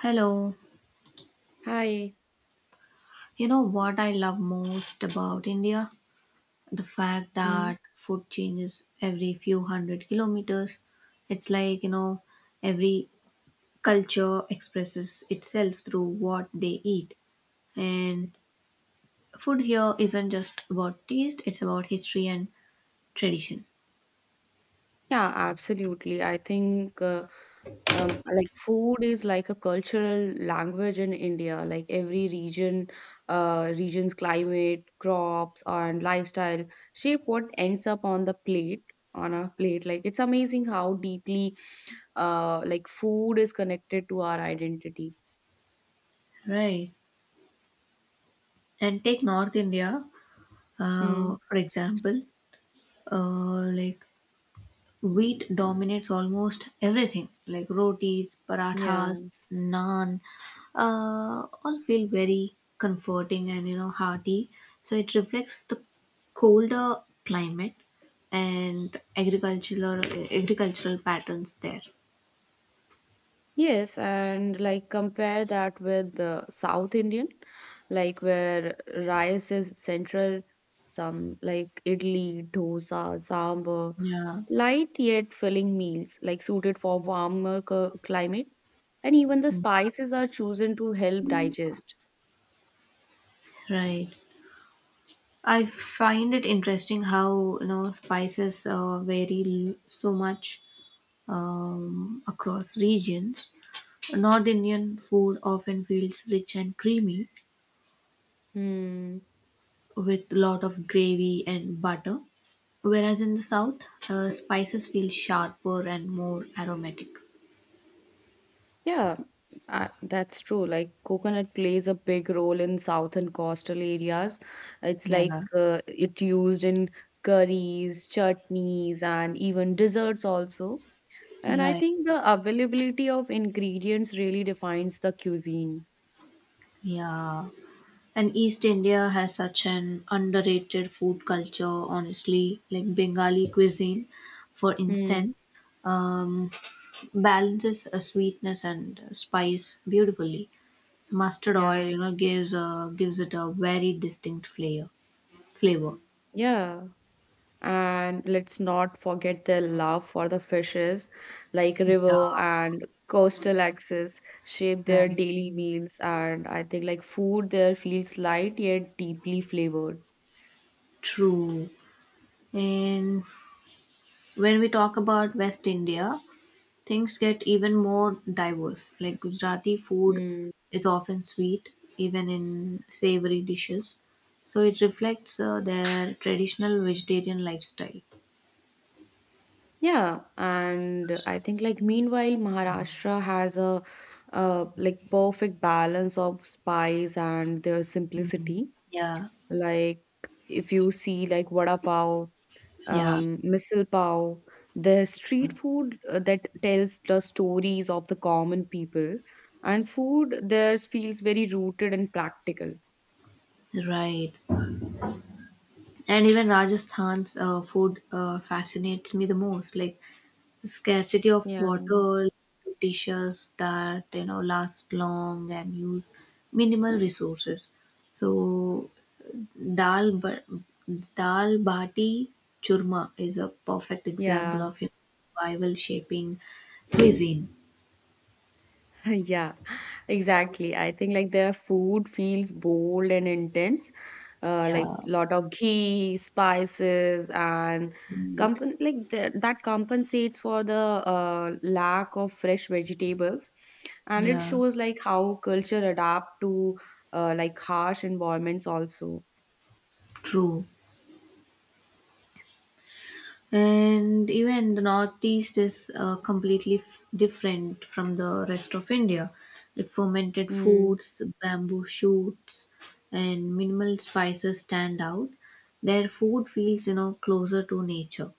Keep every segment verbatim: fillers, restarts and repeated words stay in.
Hello. Hi. You know what I love most about India? The fact Mm. that food changes every few hundred kilometers. It's like, you know, every culture expresses itself through what they eat. And food here isn't just about taste, it's about history and tradition. Yeah, absolutely. I think uh, um, like food is like a cultural language in India. Like every region, uh, region's climate, crops, and lifestyle shape what ends up on the plate, on a plate. Like it's amazing how deeply uh, like food is connected to our identity. Right. And take North India, Mm. uh, for example, uh, like wheat dominates almost everything, like rotis, Yeah. parathas, naan, uh, all feel very comforting and you know hearty. So it reflects the colder climate and agricultural agricultural patterns there. Yes, and like compare that with the South Indian, like where rice is central, some like idli, dosa, sambar, Yeah. light yet filling meals, like suited for warmer cu- climate, and even the Mm. spices are chosen to help digest. Right. I find it interesting how you know spices uh, vary l- so much um, across regions. North Indian food often feels rich and creamy Hmm. with lot of gravy and butter, whereas in the South, uh, spices feel sharper and more aromatic. Yeah, uh, that's true. Like coconut plays a big role in South and coastal areas. It's like Yeah. uh, it used in curries, chutneys, and even desserts also. And I Right. think the availability of ingredients really defines the cuisine. Yeah. And East India has such an underrated food culture, honestly, like Bengali cuisine, for Hmm. instance. Um, Balances uh, sweetness and uh, spice beautifully. So mustard oil, Yeah. you know, gives uh, gives it a very distinct flavor. Flavor. Yeah. And let's not forget their love for the fishes, like Yeah, river and coastal access shape their right. daily meals. And I think like food there feels light yet deeply flavored. True. And when we talk about West India, things get even more diverse. Like Gujarati food Mm, is often sweet, even in savory dishes. So it reflects uh, their traditional vegetarian lifestyle. yeah, and I think like meanwhile Maharashtra has a uh, like perfect balance of spice and their simplicity. Yeah, Like if you see like vada pav yeah, um, misal pav. There's street food uh, that tells the stories of the common people, and food there feels very rooted and practical. right. And even Rajasthan's uh, food uh, fascinates me the most. Like scarcity of Yeah. water, dishes that you know last long and use minimal resources. So dal ba- dal bati churma is a perfect example Yeah. of you know, survival shaping cuisine. Yeah, exactly. I think like their food feels bold and intense, uh, like Yeah, lot of ghee, spices, and right. compen like the, that compensates for the uh, lack of fresh vegetables, and it Yeah, shows like how culture adapt to uh, like harsh environments also. true. And even the northeast is uh, completely f- different from the rest of India, like fermented Mm. foods, bamboo shoots, and minimal spices stand out. Their food feels you know closer to nature.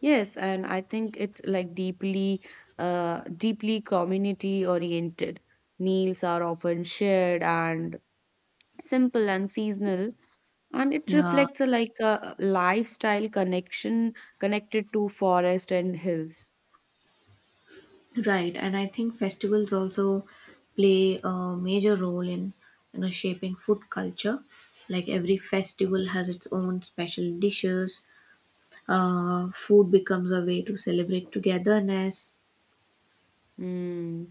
Yes, and I think it's like deeply, uh, deeply community oriented. Meals are often shared and simple and seasonal, and it Yeah, reflects a like a lifestyle connection connected to forest and hills. right. And I think festivals also play a major role in you know shaping food culture. Like every festival has its own special dishes. Uh, food becomes a way to celebrate togetherness. Mm.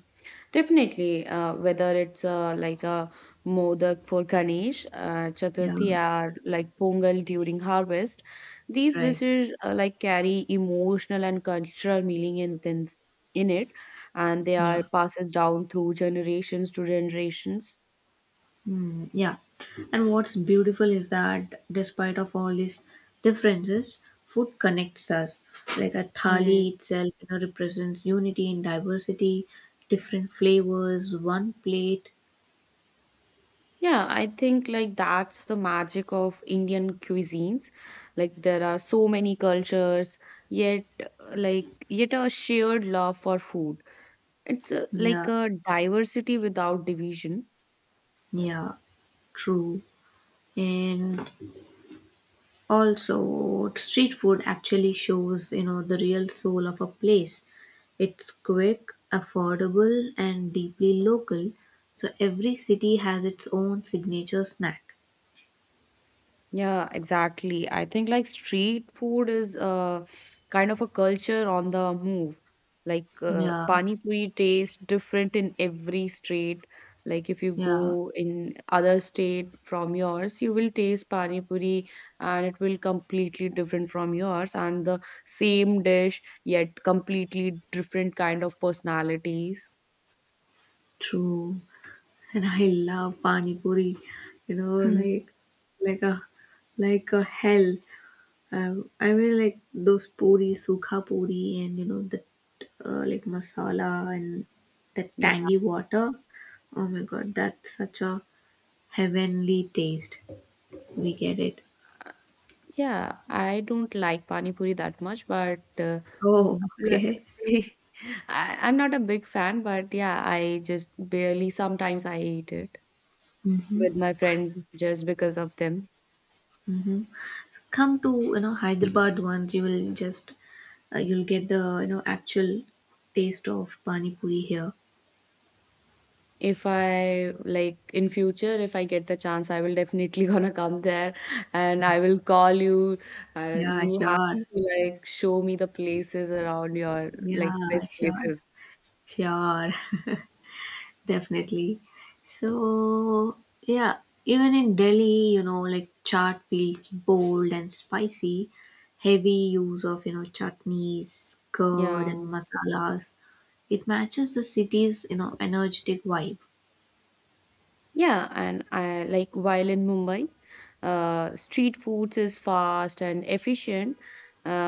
Definitely, uh, whether it's uh, like a modak for Ganesh uh, Yeah, Chaturthi or like Pongal during harvest, these right. dishes uh, like carry emotional and cultural meaning in, in in it, and they are Yeah. passes down through generations to generations. Mm, yeah. And what's beautiful is that despite of all these differences, food connects us. Like a thali Hmm. itself, you know, represents unity in diversity, different flavors, one plate. Yeah, I think like that's the magic of Indian cuisines. Like there are so many cultures, yet uh, like yet a shared love for food. It's uh, like Yeah. a diversity without division. Yeah. True. And also, street food actually shows, you know, the real soul of a place. It's quick, affordable, and deeply local. So every city has its own signature snack. Yeah, exactly. I think like street food is uh, kind of a culture on the move. Like uh, Yeah, pani puri tastes different in every state. Like if you yeah, go in other state from yours, you will taste pani puri and it will completely different from yours, and the same dish yet completely different kind of personalities. true. And I love pani puri. You know, Hmm. like like a like a hell. I I really like those puri, sukha puri, and you know the uh, like masala and the tangy water. Oh my god, that's such a heavenly taste. We get it. Yeah, I don't like pani puri that much, but uh, Oh, okay. Le- I, I'm not a big fan, but yeah, I just barely sometimes I eat it Mm-hmm. with my friend just because of them. Mm-hmm. Come to you know Hyderabad once, you will just uh, you'll get the you know actual taste of pani puri here. If I like in future, if I get the chance, I will definitely gonna come there, and I will call you. Uh, Yeah, you have sure. to like show me the places around your like Yeah, best sure, places. sure. Definitely. So, yeah, even in Delhi, you know, like chaat feels bold and spicy. Heavy use of, you know, chutneys, curd, Yeah. and masalas. It matches the city's, you know, energetic vibe. Yeah, and I like while in Mumbai, uh, street foods is fast and efficient.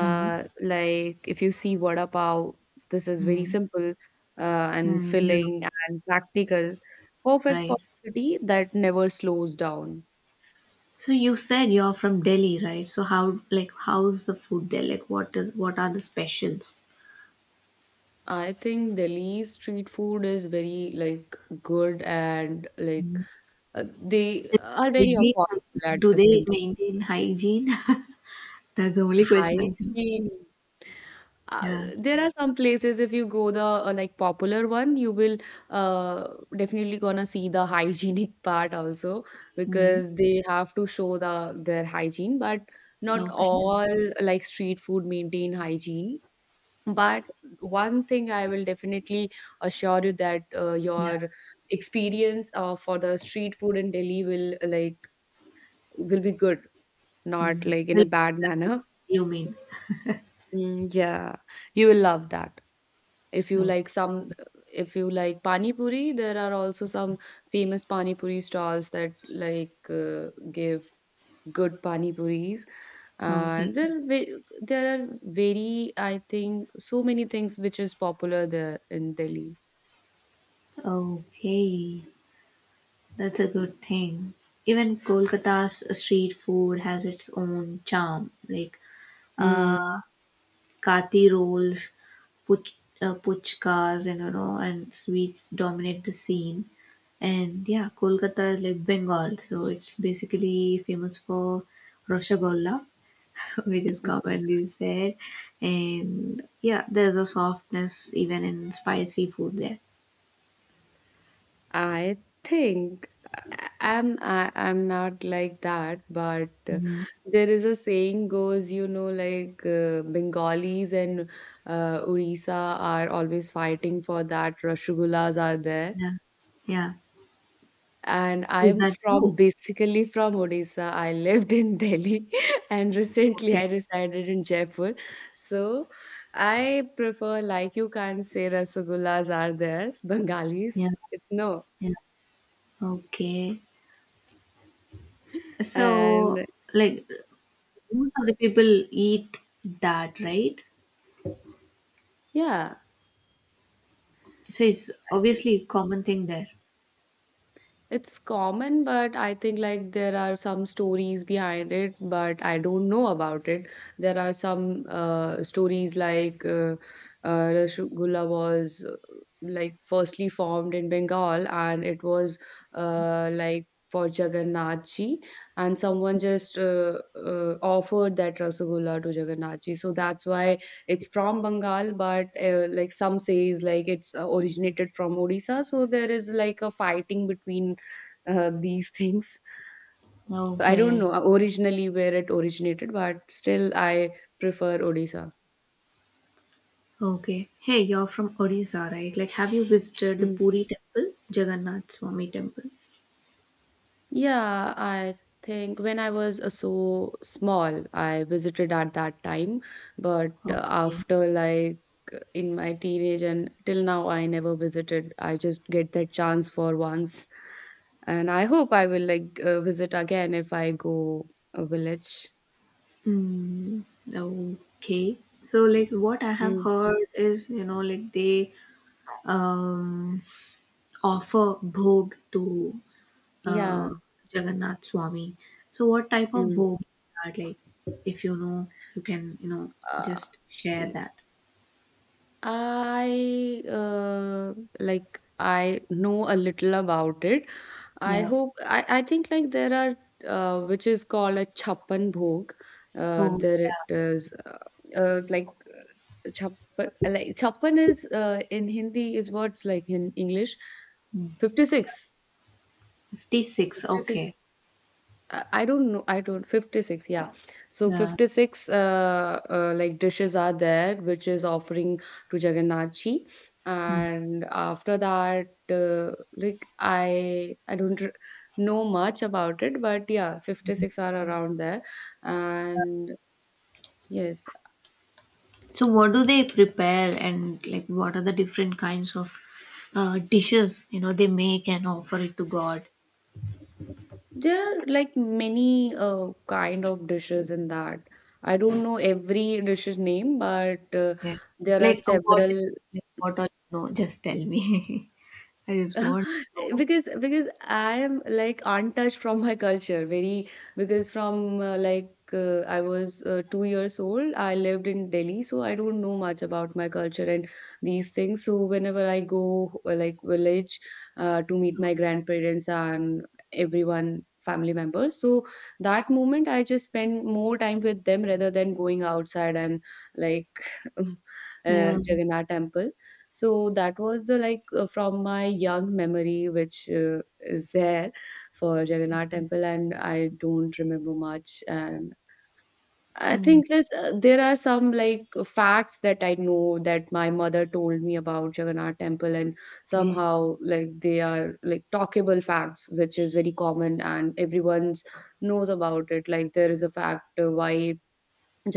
Mhm. like if you see vada pav, this is very Mm, simple uh, and mm, yeah, filling and practical, perfect for right. a city that never slows down. So you said you're from Delhi, right? So how, like, how's the food there? Like, what is, what are the specials? I think Delhi's street food is very like good and like Mhm. uh, they are very Hygiene? affordable at Do the they same time. maintain hygiene? That's the only question I have. Hygiene. Uh, Yeah. there are some places if you go the uh, like popular one, you will uh, definitely gonna see the hygienic part also Mm. because they have to show the their hygiene, but not Okay. all like street food maintain hygiene. But one thing I will definitely assure you that uh, Yeah. your experience uh, for the street food in Delhi will like will be good, not Mm. like in Well, a bad that's what manner. you mean. Mm, yeah, you will love that. If you So, like some, if you like pani puri, there are also some famous pani puri stalls that like uh, give good pani puris. okay. And there, are ve- there are very, I think, so many things which is popular there in Delhi. Okay. That's a good thing. Even Kolkata's street food has its own charm, like uh, Mm. kati rolls, puch, uh, puchkas, and you know, and sweets dominate the scene. And yeah, Kolkata is like Bengal, so it's basically famous for Roshogolla, which is commonly said. And yeah, there's a softness even in spicy food there. I think I- I'm I, I'm not like that, but uh, Mhm. there is a saying goes, you know, like uh, Bengalis and uh, Orissa are always fighting for that. Rasgullas are there, Yeah. Yeah. and I Is am that from true? basically from Odisha. I lived in Delhi, and recently Okay. I resided in Jaipur. So I prefer like you can't say Rasgullas are there, Bengalis. Yeah. It's no, Yeah. Okay. So, and like, most of the people eat that, right? yeah. So it's obviously a common thing there. It's common, but I think like there are some stories behind it, but I don't know about it. There are some uh, stories like uh, uh, Rasgulla was uh, like firstly formed in Bengal, and it was uh, like for Jagannath ji, and someone just uh, uh, offered that Rasgulla to Jagannath ji. So that's why it's from Bengal, but uh, like some says like it's uh, originated from Odisha. So there is like a fighting between uh, these things. So I don't Okay. know uh, originally where it originated, but still I prefer Odisha. Okay. Hey, you're from Odisha, right? Like, have you visited the Mm. Puri temple, Jagannath Swami temple? Yeah, I think when I was uh, so small, I visited at that time, but uh, Okay. after like in my teenage and till now, I never visited. I just get that chance for once, and I hope I will like uh, visit again if I go a village. Hmm. Okay. So, like, what I have Mm. heard is, you know, like they um, offer bhog to uh, Yeah. Jagannath Swami. So, what type of Mm. bhog is that? Like, if you know, you can, you know, Uh, just share that. I, uh, like, I know a little about it. I Yeah. hope, I, I think, like, there are, uh, which is called a chappan bhog. Uh, Oh, there it yeah. is, uh, uh, like, chappan, like, Chappan is, uh, in Hindi is what's like in English, Mm. fifty-six. fifty-six. Okay. I I don't know. I don't. fifty-six, yeah. So Yeah. fifty-six uh, uh, like dishes are there, which is offering to Jagannath ji. Mm. And after that, uh, like I I don't r- know much about it, but yeah, fifty-six are around there. And yes, So, what do they prepare and, like, what are the different kinds of uh, dishes, you know, they make and offer it to God? there are like many uh, kind of dishes in that. I don't know every dish's name, but uh, Okay. there are Like, uh, what several. like, what all you know? Just tell me. I just want to know. because because I am like untouched from my culture very because from uh, like uh, I was uh, two years old, I lived in Delhi, so I don't know much about my culture and these things, so whenever I go uh, like village uh, to meet my grandparents and everyone family members, so that moment I just spend more time with them rather than going outside and like uh, Yeah. Jagannath temple, so that was the like uh, from my young memory, which uh, is there for Jagannath Temple, and I don't remember much. And I Mm, think there's, uh, there are some like facts that I know that my mother told me about Jagannath Temple, and okay. somehow like they are like talkable facts, which is very common and everyone knows about it. Like there is a fact uh, why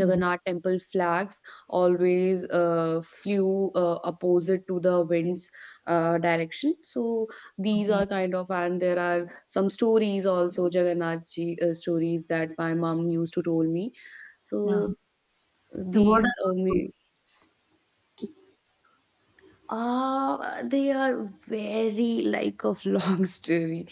Mm, temple flags always uh, flew uh, opposite to the wind's uh, direction. So these are okay. kind of, and there are some stories also, Jagannath ji uh, stories that my mom used to tell me. Yeah. So Like, what are these those only. stories? Uh, they are very like of long story.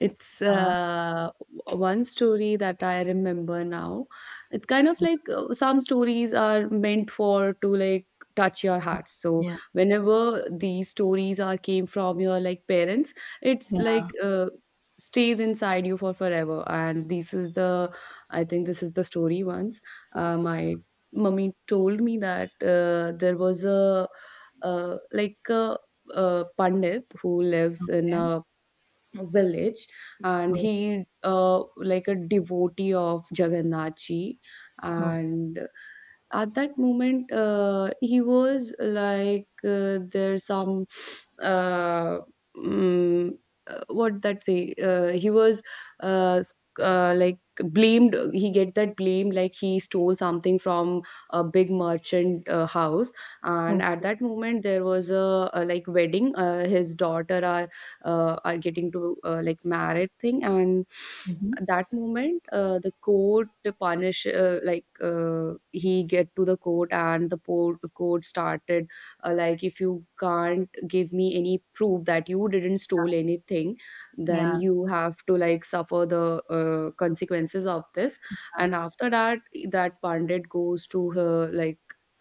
It's Yeah. uh, one story that I remember now. It's kind of like uh, some stories are meant for to like touch your heart. So Yeah. whenever these stories are came from your like parents, it's Yeah. like uh, stays inside you for forever. And this is the, I think this is the story once. Uh, my mummy told me that uh, there was a uh, like a, a pandit who lives in Okay. a village, and Okay. he uh, like a devotee of Jagannath ji, Oh, okay. and at that moment uh, he was like uh, there's some uh, mm, uh, what that say uh, he was uh, s- uh, like blamed, he get that blame like he stole something from a big merchant uh, house, and at Okay. that moment there was a, a like wedding, uh, his daughter are uh, are getting to uh, like married thing, and Mm-hmm. at that moment uh, the court punish uh, like uh, he get to the court, and the po- court started uh, like, "If you can't give me any proof that you didn't stole anything, then Yeah. you have to like suffer the uh, consequences of this." Yeah. And after that, that pandit goes to her like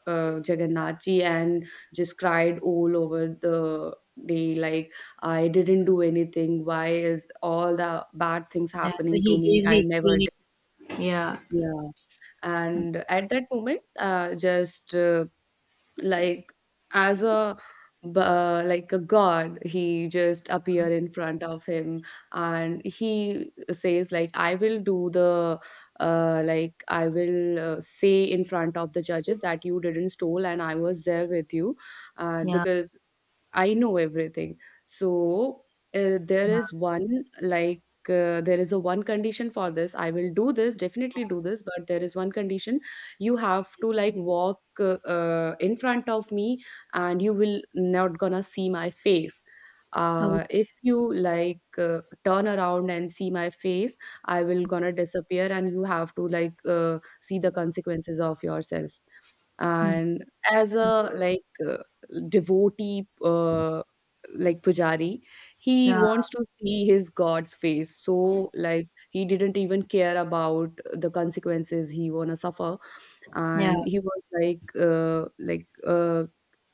uh, Jagannath ji and just cried all over the day like, "I didn't do anything. Why is all the bad things Yeah. So happening to he me? gave the I never did." explanation. Yeah. Yeah. And at that moment, uh, just uh, like as a b- uh, like a god, he just appear in front of him, and he says like, "I will do the uh, like I will uh, say in front of the judges that you didn't stole, and I was there with you." And Yeah. because I know everything. So uh, there Yeah. is one like uh, there is a one condition for this. I will do this, definitely do this, but there is one condition. You have to like walk uh, uh, in front of me, and you will not gonna see my face. Uh, Okay. If you like uh, turn around and see my face, I will gonna disappear, and you have to like uh, see the consequences of yourself Mm. and as a like uh, devotee uh, like pujari, he Yeah. wants to see his god's face, so like he didn't even care about the consequences he wanna suffer. Yeah. And he was like uh, like uh,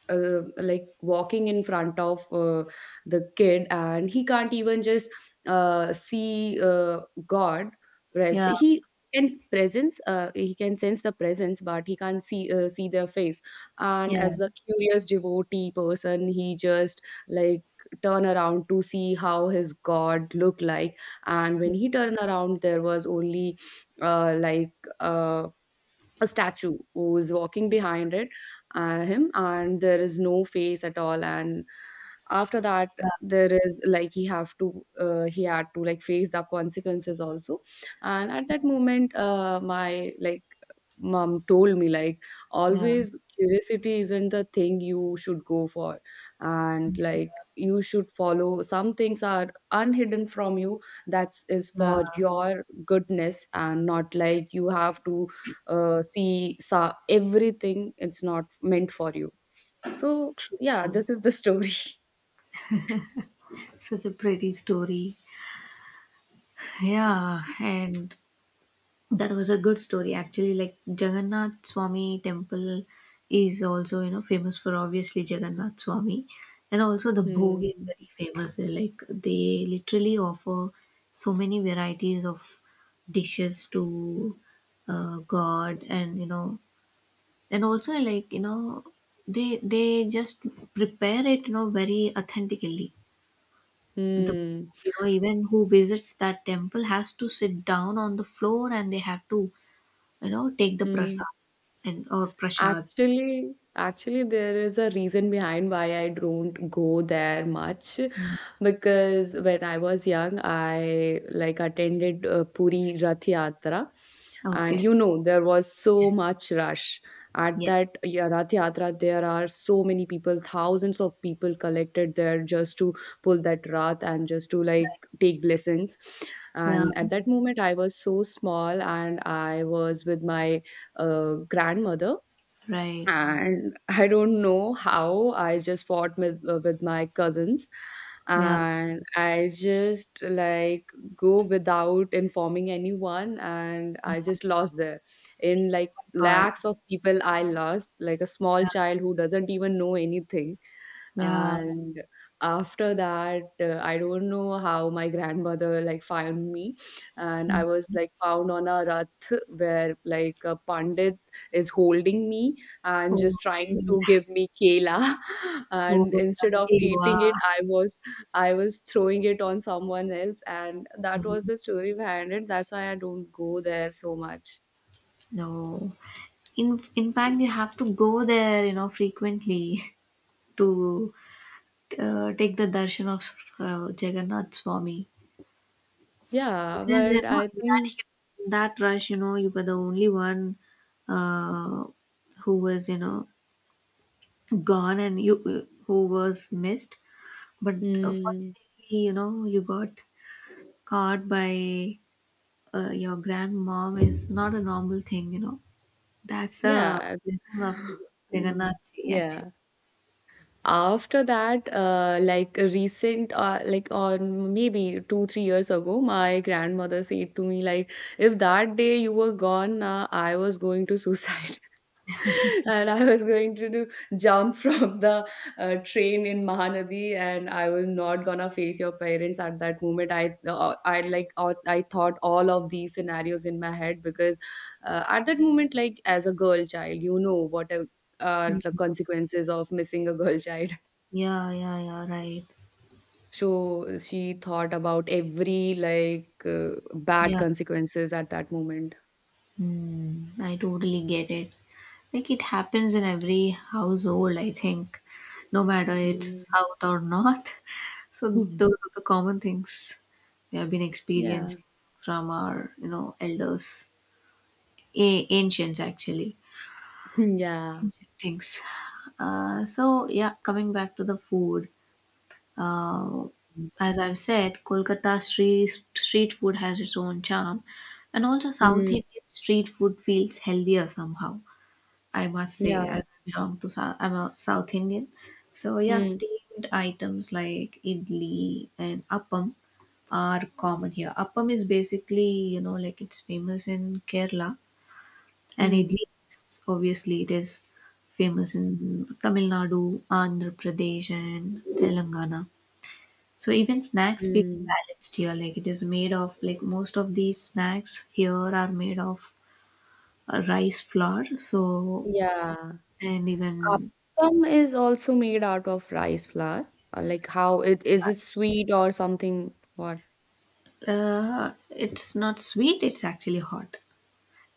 uh, like walking in front of uh, the kid, and he can't even just uh, see uh, god. pres- Yeah. He can presence, uh, he can sense the presence, but he can't see, uh, see their face. And Yeah. as a curious devotee person, he just like turn around to see how his god looked like. And Yeah. when he turned around, there was only uh, like uh, a statue who is walking behind it, uh, him, and there is no face at all. And after that, there is like he have to uh, he had to like face the consequences also. And at that moment, uh, my like mom told me like Yeah. always curiosity isn't the thing you should go for, and like you should follow, some things are unhidden from you that is Yeah. for your goodness, and not like you have to uh, see sa everything, it's not meant for you. So yeah, True. this is the story. Such a pretty story. Yeah, and that was a good story actually. Like Jagannath Swami temple is also you know famous for obviously Jagannath Swami, and also the bhog is Hmm. very famous there. Like they literally offer so many varieties of dishes to uh, God, and you know, and also like you know they they just prepare it you know very authentically. The Hmm. you know even who visits that temple has to sit down on the floor and they have to you know take the Hmm. prasad and or prashad. Actually, actually, there is a reason behind why I don't go there much, Mm. because when I was young, I like attended uh, Puri Rath Yatra, and Okay. you know there was so Yes. much rush at Yeah. that, yeah, Rath Yatra. There are so many people, thousands of people collected there just to pull that Rath and just to like take blessings. Yeah. And at that moment, I was so small, and I was with my uh, grandmother, Right. and I don't know how I just fought with uh, with my cousins, Yeah. and I just like go without informing anyone, and I Yeah. just lost there in like God. lakhs of people. I lost like a small Yeah. child who doesn't even know anything. Yeah. And after that, uh, I don't know how my grandmother like found me, and Mm. I was like found on a rath where like a pandit is holding me and Oh just my trying to god. give me kela Oh, and instead of lucky you eating are. it, I was, i was throwing it on someone else. And that was Mhm. the story behind it. That's why I don't go there so much. No, in in fact you have to go there you know frequently to uh, take the darshan of uh, Jagannath Swami. Because Yeah, you but know, I in that think, hu- in that rush, you know, you were the only one uh, who was, you know, gone and you uh, who was missed. But uh, mm, fortunately, you know, you got caught by uh, your grandmom is not a normal thing, you know. That's a yeah. blessing of Mm, Jagannathji, actually. yeah. After that, uh, like a recent, uh, like on maybe two, three years ago, my grandmother said to me, like, if that day you were gone, uh, I was going to suicide and I was going to do, jump from the uh, train in Mahanadi, and I was not gonna face your parents at that moment. I, uh, I like, uh, I thought all of these scenarios in my head, because uh, at that moment, like as a girl child, you know what a, are the Mm. consequences of missing a girl child. Yeah, yeah, yeah, right. So she thought about every like uh, bad Yeah. consequences at that moment. Mm, I totally get it. Like it happens in every household, I think, no matter Mm. it's south or north. So Mhm. those are the common things we have been Yeah. experiencing from our, you know, elders, a- ancients actually, Mm, yeah. ancient things. Uh, so, yeah, coming back to the food. Uh, as I've said, Kolkata street street food has its own charm, and also South Mm. Indian street food feels healthier somehow, I must say, Yeah. as I belong to South, I'm a South Indian. So yeah, Mm. steamed items like idli and appam are common here. Appam is basically, you know, like it's famous in Kerala, and Mm. idli is, obviously it is famous in Tamil Nadu, Andhra Pradesh, and Telangana. So even snacks feel Mm. balanced here. Like it is made of like most of these snacks here are made of uh, rice flour. So Yeah. and even Appam is also made out of rice flour. Uh, Like how it is, it sweet or something? What? Uh, it's not sweet. It's actually hot.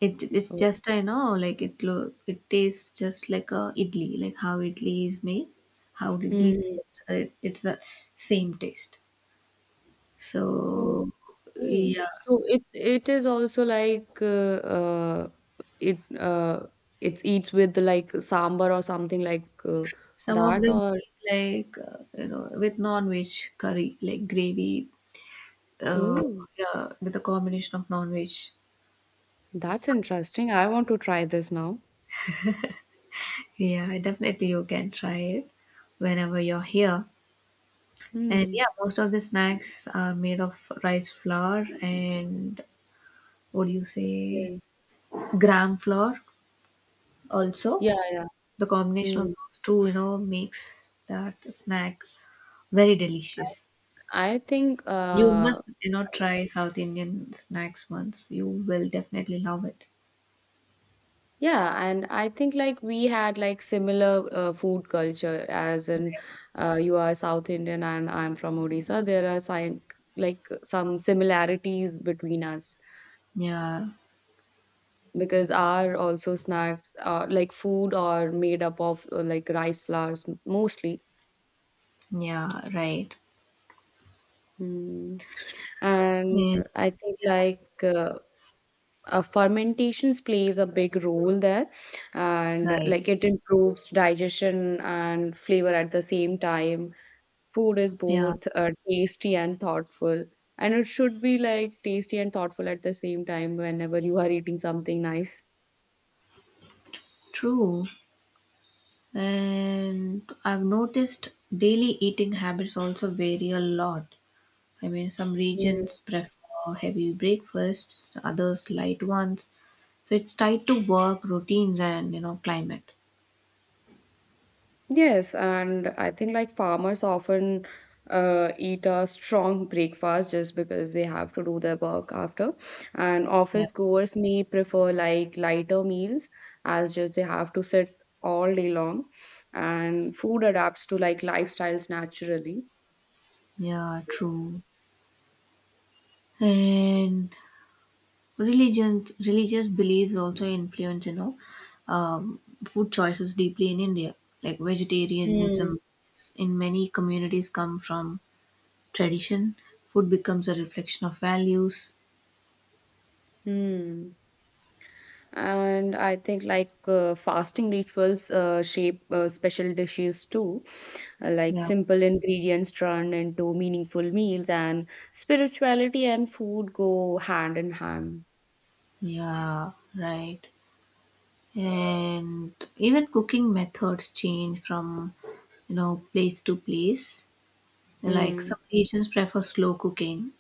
It it's Oh. just, I know like it lo- it tastes just like a idli, like how idli is made, how idli Mm. tastes. It, it's the same taste. So Okay. yeah, So it's, it is also like uh, uh it uh it eats with like sambar or something like uh, some of that, them or eat like uh, you know with non-veg curry, like gravy. Uh, oh, yeah, with a combination of non-veg. that's So, interesting. I want to try this now. yeah, definitely you can try it whenever you're here. And Hmm. yeah, most of the snacks are made of rice flour and what do you say, Yeah. gram flour also. Yeah. The combination of Hmm. those two, you know, makes that snack very delicious. I think You uh must, you know, try South Indian snacks once. You will definitely love it. Yeah, and I think like we had like similar uh, food culture as in, uh, you are South Indian and I'm from Odisha. There are sign, like some similarities between us, Yeah, because our also snacks are like food are made up of uh, like rice flours, m- mostly. yeah, right. Mm. And Yeah, I think like uh, uh, fermentations plays a big role there, and uh, right. like it improves digestion and flavor at the same time. Food is Yeah, both uh, tasty and thoughtful, and it should be like tasty and thoughtful at the same time whenever you are eating something nice. true. And I've noticed daily eating habits also vary a lot. I mean, some regions prefer heavy breakfasts, others light ones. So it's tied to work routines and you know climate. Yes, and I think like farmers often uh, eat a strong breakfast, just because they have to do their work after. And Yeah. office goers may prefer like lighter meals, as just they have to sit all day long. And food adapts to like lifestyles naturally. Yeah, true. And religion, religious beliefs also influence you know um, food choices deeply in India. Like Hmm. vegetarianism in many communities come from tradition. Food becomes a reflection of values. Hmm. And I think like uh, fasting rituals uh, shape uh, special dishes too. Uh, like Yeah. simple ingredients turn into meaningful meals, and spirituality and food go hand in hand. Yeah, right. And even cooking methods change from you know place to place. Like Mm. some regions prefer slow cooking,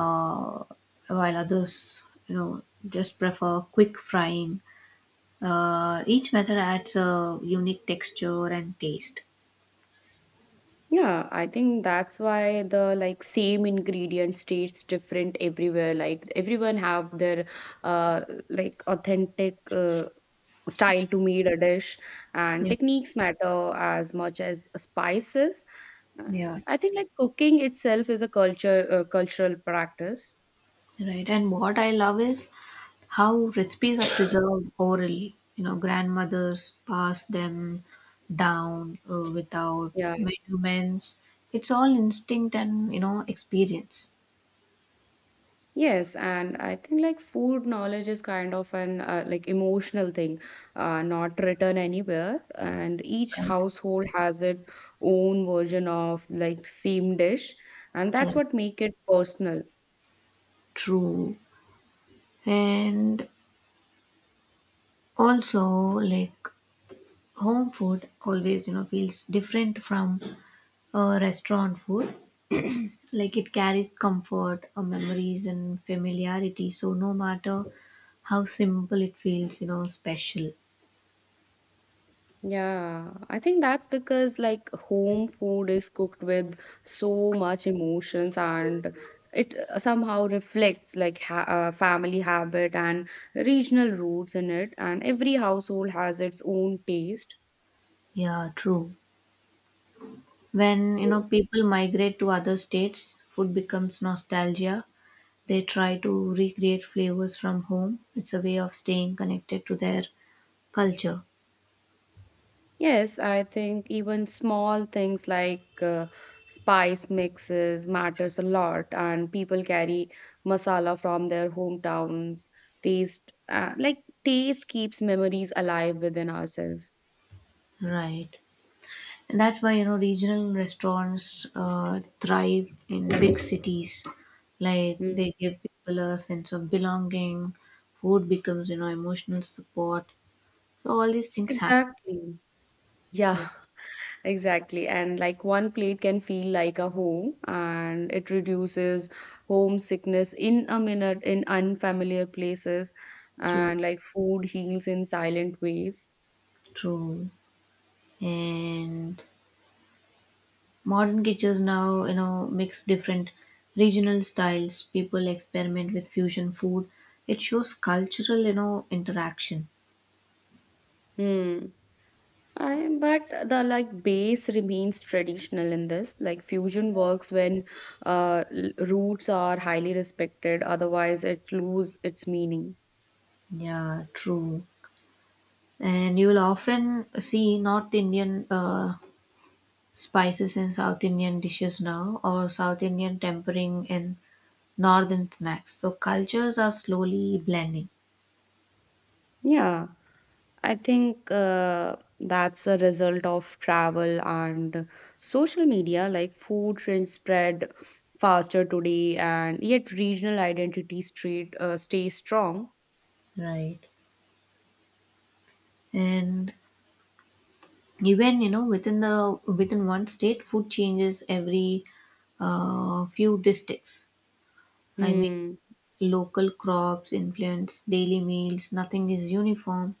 uh, while others you know just prefer quick frying. Uh, each method adds a unique texture and taste. Yeah, I think that's why the like same ingredient tastes different everywhere. Like everyone have their uh like authentic uh, style to made a dish, and Yeah. techniques matter as much as spices. And Yeah. I think like cooking itself is a culture, uh, cultural practice. Right. And what I love is how recipes are preserved orally. You know, grandmothers pass them down uh, without Yeah. measurements. It's all instinct and, you know, experience. Yes, and I think like food knowledge is kind of an uh, like emotional thing, uh, not written anywhere. And each Right? household has its own version of like same dish, and Yeah, that's what make it personal. true. And also, like, home food always, you know, feels different from uh, restaurant food. Like it carries comfort or memories and familiarity, so no matter how simple it feels, you know special. Yeah, I think that's because like home food is cooked with so much emotions, and it uh, somehow reflects like ha uh, family habit and regional roots in it, and every household has its own taste. Yeah, true. When you know people migrate to other states, food becomes nostalgia. They try to recreate flavors from home. It's a way of staying connected to their culture. Yes, I think even small things like uh, spice mixes matters a lot, and people carry masala from their hometowns. Taste, uh, like taste, keeps memories alive within ourselves. Right. And that's why you know regional restaurants uh, thrive in big cities. Like Mm. they give people a sense of belonging. Food becomes you know emotional support. So all these things happen. Exactly. Yeah, Yeah, exactly. And like one plate can feel like a home, and it reduces homesickness in a minute in unfamiliar places, true, and like food heals in silent ways. true. And modern kitchens now you know mix different regional styles. People experiment with fusion food. It shows cultural you know interaction. Hmm. I but the like base remains traditional in this. Like fusion works when uh, l- roots are highly respected, otherwise it lose its meaning. Yeah, true. And you will often see North Indian uh, spices in South Indian dishes now, or South Indian tempering in northern snacks. So cultures are slowly blending. Yeah, I think uh, that's a result of travel and social media. Like food trends spread faster today, and yet regional identity street uh, stays strong. Right. And even you know within the within one state, food changes every uh, few districts. I mean, Hmm. local crops influence daily meals. Nothing is uniform.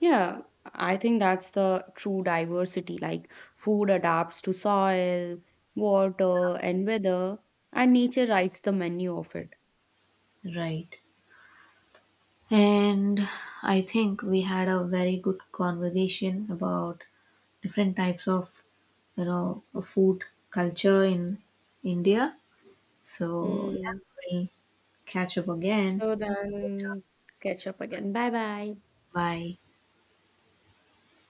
Yeah, I think that's the true diversity. Like food adapts to soil, water, and weather, and nature writes the menu of it. Right. And I think we had a very good conversation about different types of, you know, food culture in India. So, yeah, Mm. we'll catch up again. So then, catch up again. Bye bye. Bye.